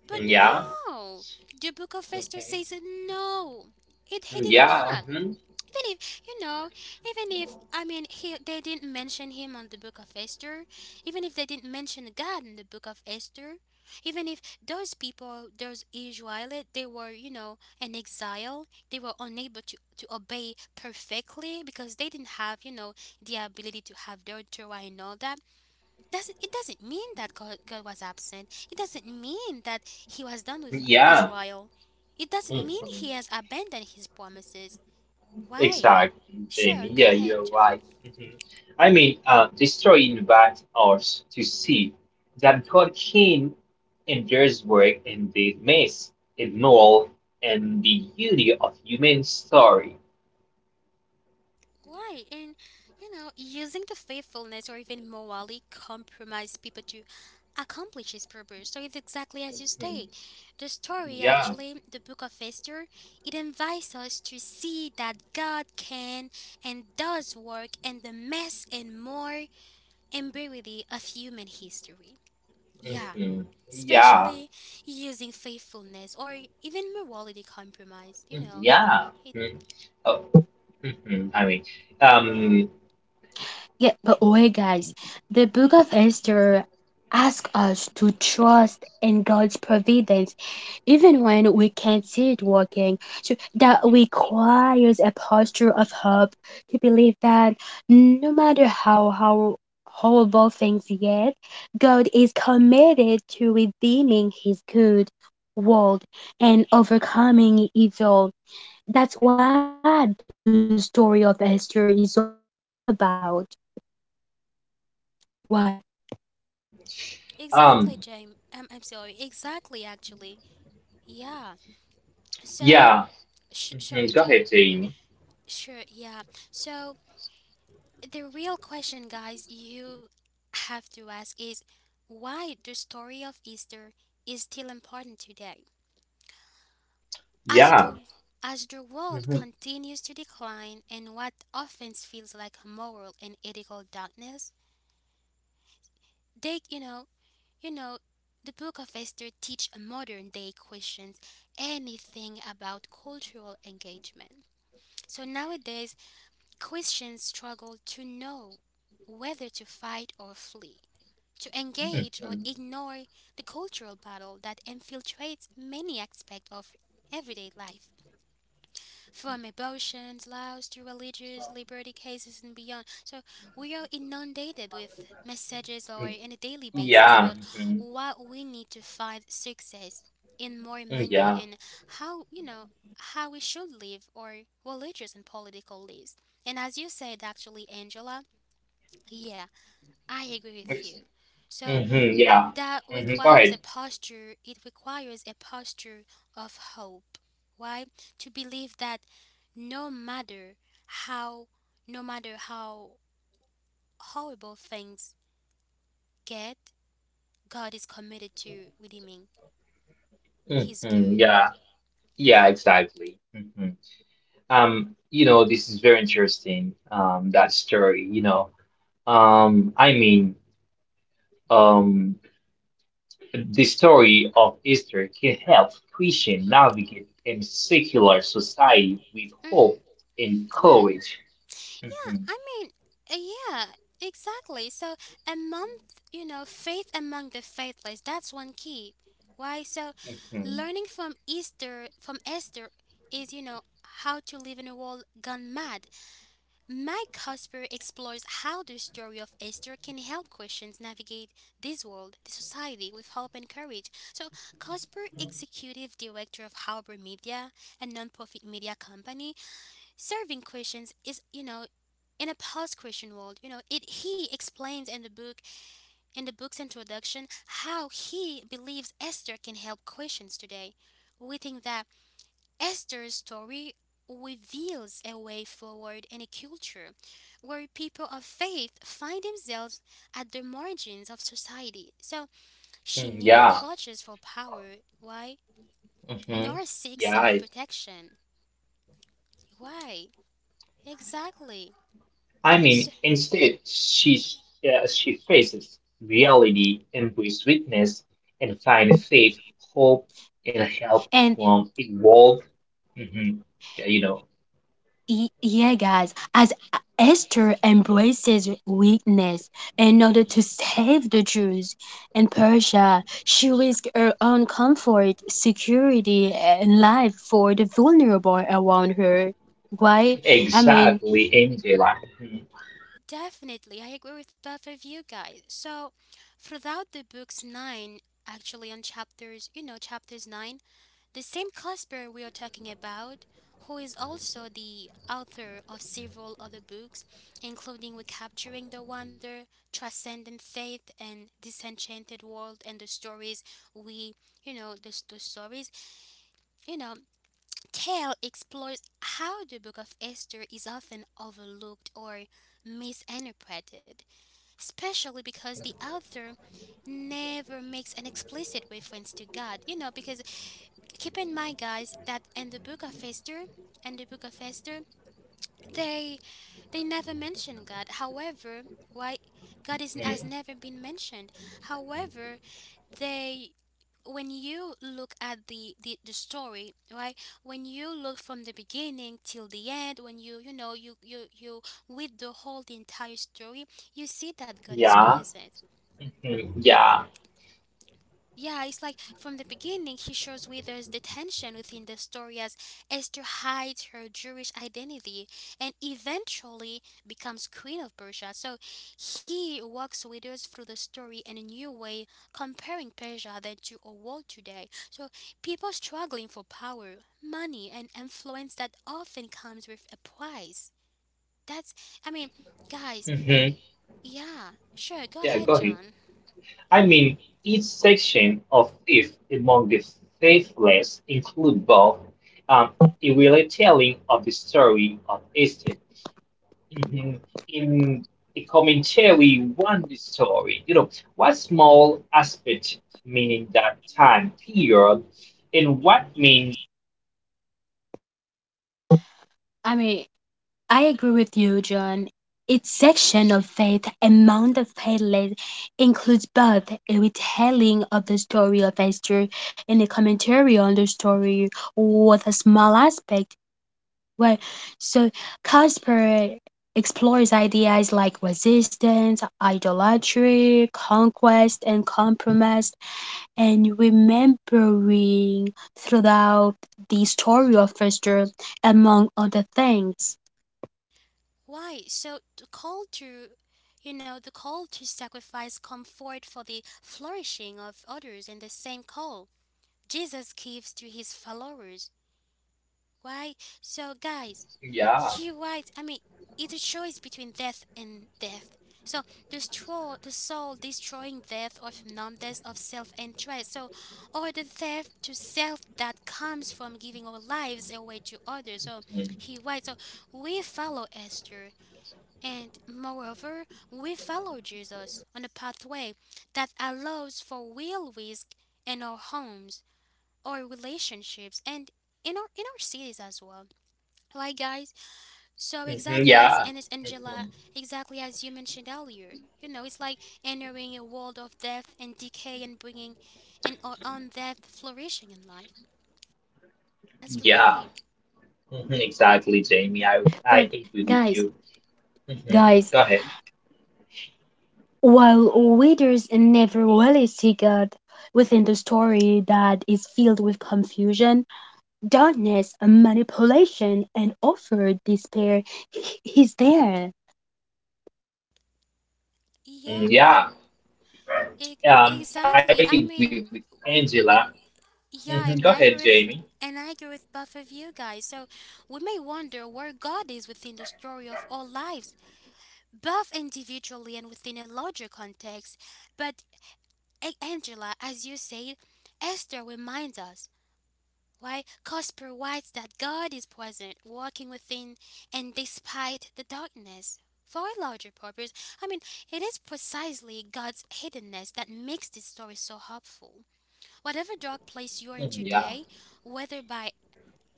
But
Yeah.
no! The book of Esther says
Mhm.
no! It he did
Yeah.
not.
Mhm.
Even if, you know, even if, I mean, he they didn't mention him on the book of Esther, even if they didn't mention God in the book of Esther, even if those people, those Israelites, they were, you know, in exile, they were unable to obey perfectly because they didn't have, you know, the ability to have their Torah and all that, doesn't it doesn't mean that God was absent. It doesn't mean that he was done with
Yeah.
Israel. It doesn't mean
Mhm.
he has abandoned his promises. Why?
Exactly,
Sure,
Jamie.
go
Yeah,
ahead,
you're
John.
right. Mhm. I mean, the story invites us to see that God can and does work in the mess, in all, and the beauty of human story.
Why? And, you know, using the faithfulness or even morally compromised people to accomplish his purpose. So it's exactly as you
Mhm.
say. The story,
Yeah.
actually, the Book of Esther, it invites us to see that God can and does work in the mess and more ambiguity of human history. Yeah,
Mhm. Yeah.
especially using faithfulness or even morality compromised. You
Mm-hmm.
know,
Yeah.
it.
Mhm. Oh, mhm. I mean, um,
Yeah, but wait, guys, the book of Esther asks us to trust in God's providence, even when we can't see it working. So that requires a posture of hope to believe that no matter how horrible things get, God is committed to redeeming His good world and overcoming evil. That's what the story of Esther is all about. Right.
um,
Exactly, James. I'm sorry. Exactly, actually. Yeah. So,
yeah. Mhm.
sorry,
Go ahead,
John.
Jamie.
Sure, yeah. So, the real question, guys, you have to ask is why the story of Easter is still important today. As
Yeah.
the as the world
Mhm.
continues to decline and what often feels like a moral and ethical darkness, they, you know, the Book of Esther teach modern day Christians anything about cultural engagement. So nowadays, Christians struggle to know whether to fight or flee, to engage or
Mhm.
ignore the cultural battle that infiltrates many aspects of everyday life from abortions, laws to religious liberty cases and beyond. So we are inundated with messages or on a daily basis
Yeah.
about
Mhm.
what we need to find success in more money
Yeah.
and how, you know, how we should live or religious and political lives. And as you said actually Angela, yeah, I agree with you. So
Mm-hmm, yeah.
that
Mm-hmm, go
requires a
ahead.
posture, it requires a posture of hope. Why? To believe that no matter how, no matter how horrible things get, God is committed to redeeming His
Mm-hmm,
good.
yeah. Yeah,
Yeah.
exactly. Hmm. You know, this is very interesting, that story, you know. I mean, um, the story of Easter can help Christian navigate in secular society with
Hmm.
hope and
Why?
courage.
Yeah,
Mm-hmm,
I mean, uh, yeah, exactly. So, among, you know, faith among the faithless, that's one key. Why? So,
mm-hmm,
learning from Easter, from Esther, is, how to live in a world gone mad. Mike Cosper explores how the story of Esther can help Christians navigate this world, the society, with hope and courage. So, Cosper, executive director of Harbor Media, a nonprofit media company, serving questions is, in a post-Christian world, it he explains in the book in the book's introduction how he believes Esther can help Christians today. We think that Esther's story reveals a way forward in a culture where people of faith find themselves at the margins of society. So she
mm,
neither
yeah.
clutches for power, why,
Mm-hmm.
nor seeks self
Yeah,
protection. Why? Exactly.
I
So,
mean, instead, she faces reality, embraces weakness, and finds faith, hope, and help
And
from evolved. Mhm. Yeah, you know,
yeah, guys, as Esther embraces weakness in order to save the Jews in Persia, she risked her own comfort, security, and life for the vulnerable around her. Why? I mean,
exactly, Angela. Mhm,
definitely, I agree with both of you guys. So, throughout the book's nine, actually on chapters, chapters nine, the same Casper we are talking about, who is also the author of several other books, including Recapturing the Wonder, Transcendent Faith, and Disenchanted World, and the stories we, the stories, you know, Tale explores how the Book of Esther is often overlooked or misinterpreted, especially because the author never makes an explicit reference to God. You know, because keep in mind, guys, that in the book of Esther, in the book of Esther, they never mention God. However, why God is not has
mhm.
never been mentioned. However, they, when you look at the, the story, right, when you look from the beginning till the end, when you know you you you with the entire story, you see that God is
Yeah,
present.
mhm, yeah,
Yeah, it's like from the beginning, he shows Withers the tension within the story as Esther hides her Jewish identity and eventually becomes Queen of Persia. So he walks Withers through the story in a new way, comparing Persia then to our world today. So people struggling for power, money, and influence that often comes with a price. That's, I mean, guys,
mhm,
yeah, sure, go
yeah.
ahead,
Go ahead.
John.
I mean, each section of faith among the faithless include both um, a retelling of the story of Esther in, in the commentary one story you know what small aspect meaning that time period and what means
I mean, I agree with you, John. Its section of faith and Mount of faithless includes both a retelling of the story of Esther and a commentary on the story with a small aspect. Right. So Casper explores ideas like resistance, idolatry, conquest, and compromise, and remembering throughout the story of Esther, among other things.
Why? So the call to, the call to sacrifice comfort for the flourishing of others, and the same call Jesus gives to his followers. Why? So guys,
yeah.
he writes. I mean, it's a choice between death and death. So, destroy the soul destroying death of numbness of self-interest. So, or the theft to self that comes from giving our lives away to others. So
Mhm.
he writes. So we follow Esther and moreover, we follow Jesus on a pathway that allows for real risk in our homes, our relationships, and in our cities as well. Right, guys? So
Mhm.
exactly as
Yeah.
Ennis Angela,
Mhm.
exactly as you mentioned earlier, you know, it's like entering a world of death and decay and bringing an our own death flourishing in life. That's the
Yeah.
point.
Mhm. Exactly, Jamie. I
But
agree with
guys,
you. Mhm.
guys,
Go ahead.
while readers never really see God within the story that is filled with confusion, darkness, manipulation, and offered despair, he's there.
Yeah,
Mm, yeah.
e- exactly. I
I
mean,
agree with Angela.
yeah,
Mhm.
and
Go
I agree
ahead,
with
Jamie.
and I agree with both of you guys. So we may wonder where God is within the story of all lives, both individually and within a larger context. But Angela, as you said, Esther reminds us why Cosper writes that God is present, walking within and despite the darkness. For a larger purpose, I mean, it is precisely God's hiddenness that makes this story so hopeful. Whatever dark place you are in
Mhm. Yeah,
today, whether by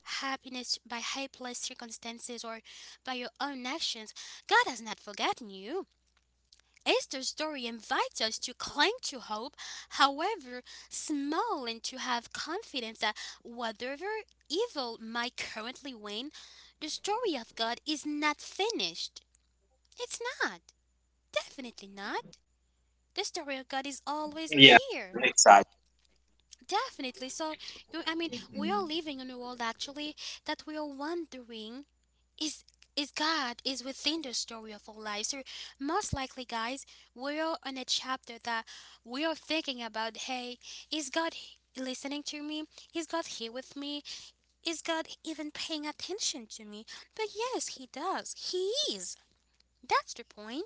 happiness by helpless circumstances or by your own actions, God has not forgotten you. Esther's story invites us to cling to hope, however small, and to have confidence that whatever evil might currently win, the story of God is not finished. It's not. Definitely not. The story of God is always
yeah,
here.
exactly.
Definitely. So, I mean, we
Mhm.
are living in a world actually that we are wondering is is God is within the story of our lives. So, most likely, guys, we are in a chapter that we are thinking about. Hey, is God listening to me? Is God here with me? Is God even paying attention to me? But yes, He does. He is. That's the point.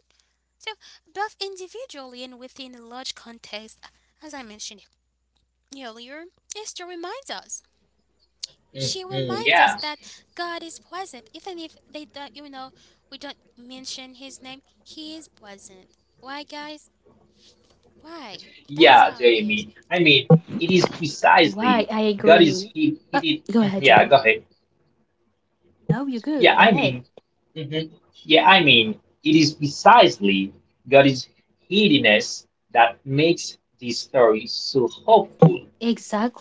So, both individually and within a large context, as I mentioned earlier, Esther reminds us. She
Mhm.
reminds us
Yeah.
that God is present, even if they don't, we don't mention His name. He is present. Why, guys? Why? That's
Yeah,
how it is.
Jamie. I mean, it is
Why?
precisely
I
God is
agree.
he
Uh,
did.
go
Mm,
ahead, Joe.
yeah, go ahead.
No, you're good.
Yeah,
Go
I
ahead.
mean, mhm, yeah, I mean, it is precisely God is heediness that makes this story so hopeful.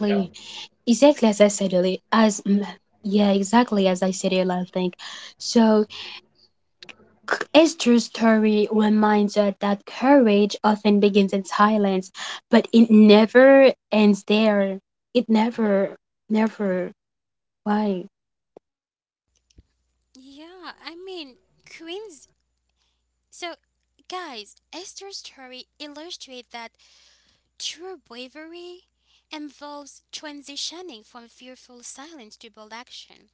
You know.
Exactly as I said earlier. Exactly as I said earlier. I think so. Esther's story reminds us that courage often begins in silence, but it never ends there. It never, never. Why?
Yeah, I mean, Queens. So, guys, Esther's story illustrates that true bravery involves transitioning from fearful silence to bold action.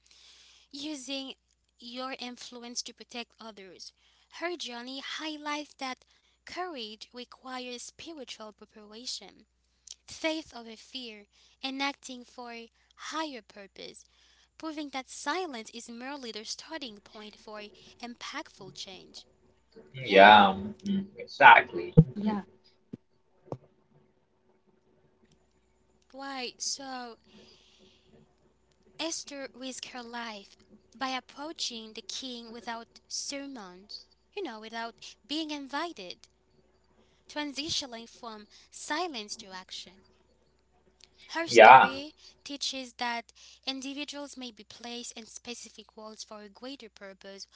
Using your influence to protect others. Her journey highlights that courage requires spiritual preparation, faith over fear, and acting for a higher purpose, proving that silence is merely the starting point for impactful change.
Mm,
Yeah.
yeah. Mhm, exactly. Mhm,
Yeah.
Why, so Esther risked her life by approaching the king without sermons, without being invited, transitioning from silence to action. Her
yeah.
story teaches that individuals may be placed in specific roles for a greater purpose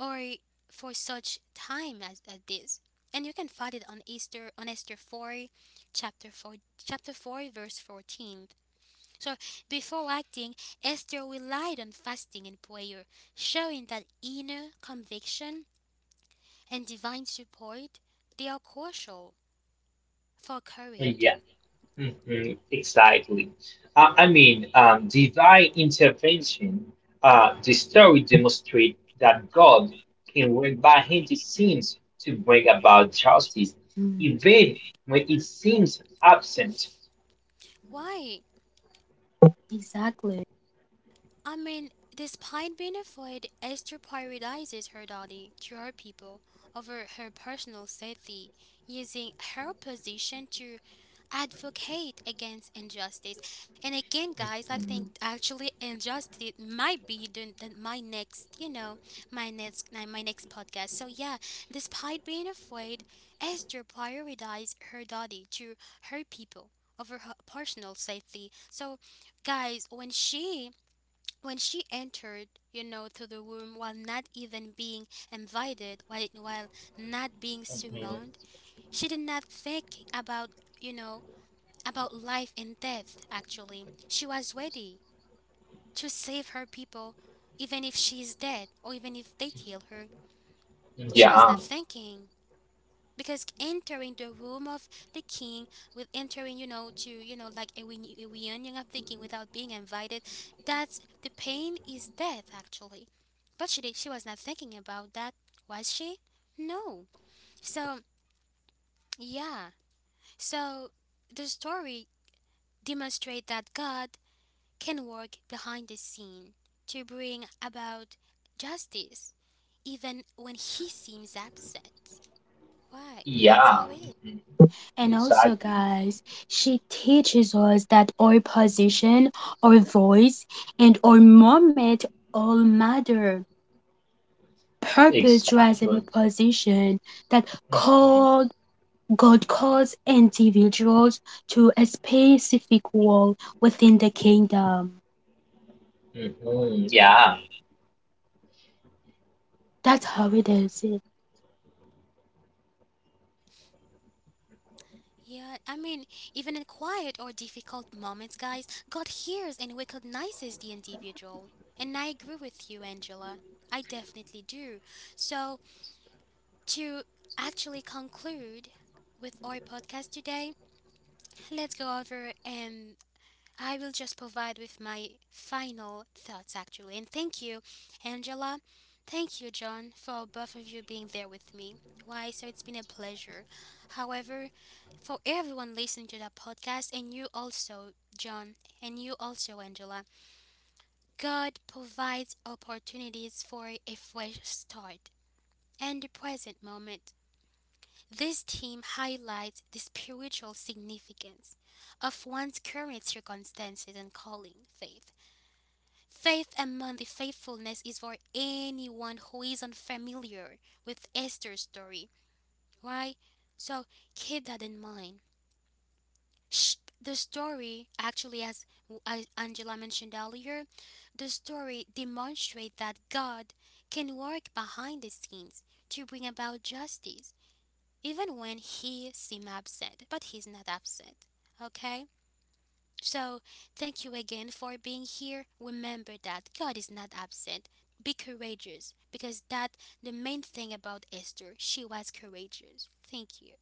or for such time as this. And you can find it on Esther 4, chapter 4, chapter 4 verse 14. So before acting, Esther relied on fasting and prayer, showing that inner conviction and divine support, they are crucial for
Mm, yeah.
courage.
Mhm, exactly. I mean, divine intervention. The story demonstrates that God can work behind the scenes to bring about justice,
Mm,
even when it seems absent.
Why?
exactly.
I mean, despite being afraid, Esther prioritizes her duty to her people over her personal safety, using her position to advocate against injustice. And again, guys, I think
Mhm,
actually injustice might be my next, my next podcast. So yeah, despite being afraid, Esther prioritized her duty to her people over her personal safety. So, guys, when she entered, to the room while not even being invited, while, not being
mhm.
summoned, she did not think about, you know, about life and death, actually. She was ready to save her people, even if she is dead or even if they kill her. She was
Yeah,
not thinking because entering the room of the king, with entering, you know, to, you know, like a, a reunion of the king without being invited, that's the pain is death actually, but she did, she was not thinking about that, was she? No. So yeah. So the story demonstrate that God can work behind the scene to bring about justice even when he seems absent. Why? That's
yeah,
how it.
mhm,
And also,
exactly,
guys, she teaches us that our position, our voice, and our moment all matter. Purpose drives in the
exactly.
position that
Mhm,
called God calls individuals to a specific role within the kingdom.
mhm, yeah.
That's how it is.
Yeah, I mean, even in quiet or difficult moments, guys, God hears and recognizes the individual. And I agree with you, Angela. I definitely do. So, to actually conclude with our podcast today, let's go over and I will just provide with my final thoughts actually. And thank you, Angela. Thank you, John, for both of you being there with me. Why? So it's been a pleasure. However, for everyone listening to that podcast, and you also, John, and you also, Angela, God provides opportunities for a fresh start and the present moment. This team highlights the spiritual significance of one's current circumstances and calling, faith. Faith among the faithfulness is for anyone who is unfamiliar with Esther's story, right? So keep that in mind. Sh- The story, actually, as Angela mentioned earlier, the story demonstrates that God can work behind the scenes to bring about justice, even when he seems absent, but he's not absent. Okay? So, thank you again for being here. Remember that God is not absent. Be courageous because that the main thing about Esther, she was courageous. Thank you.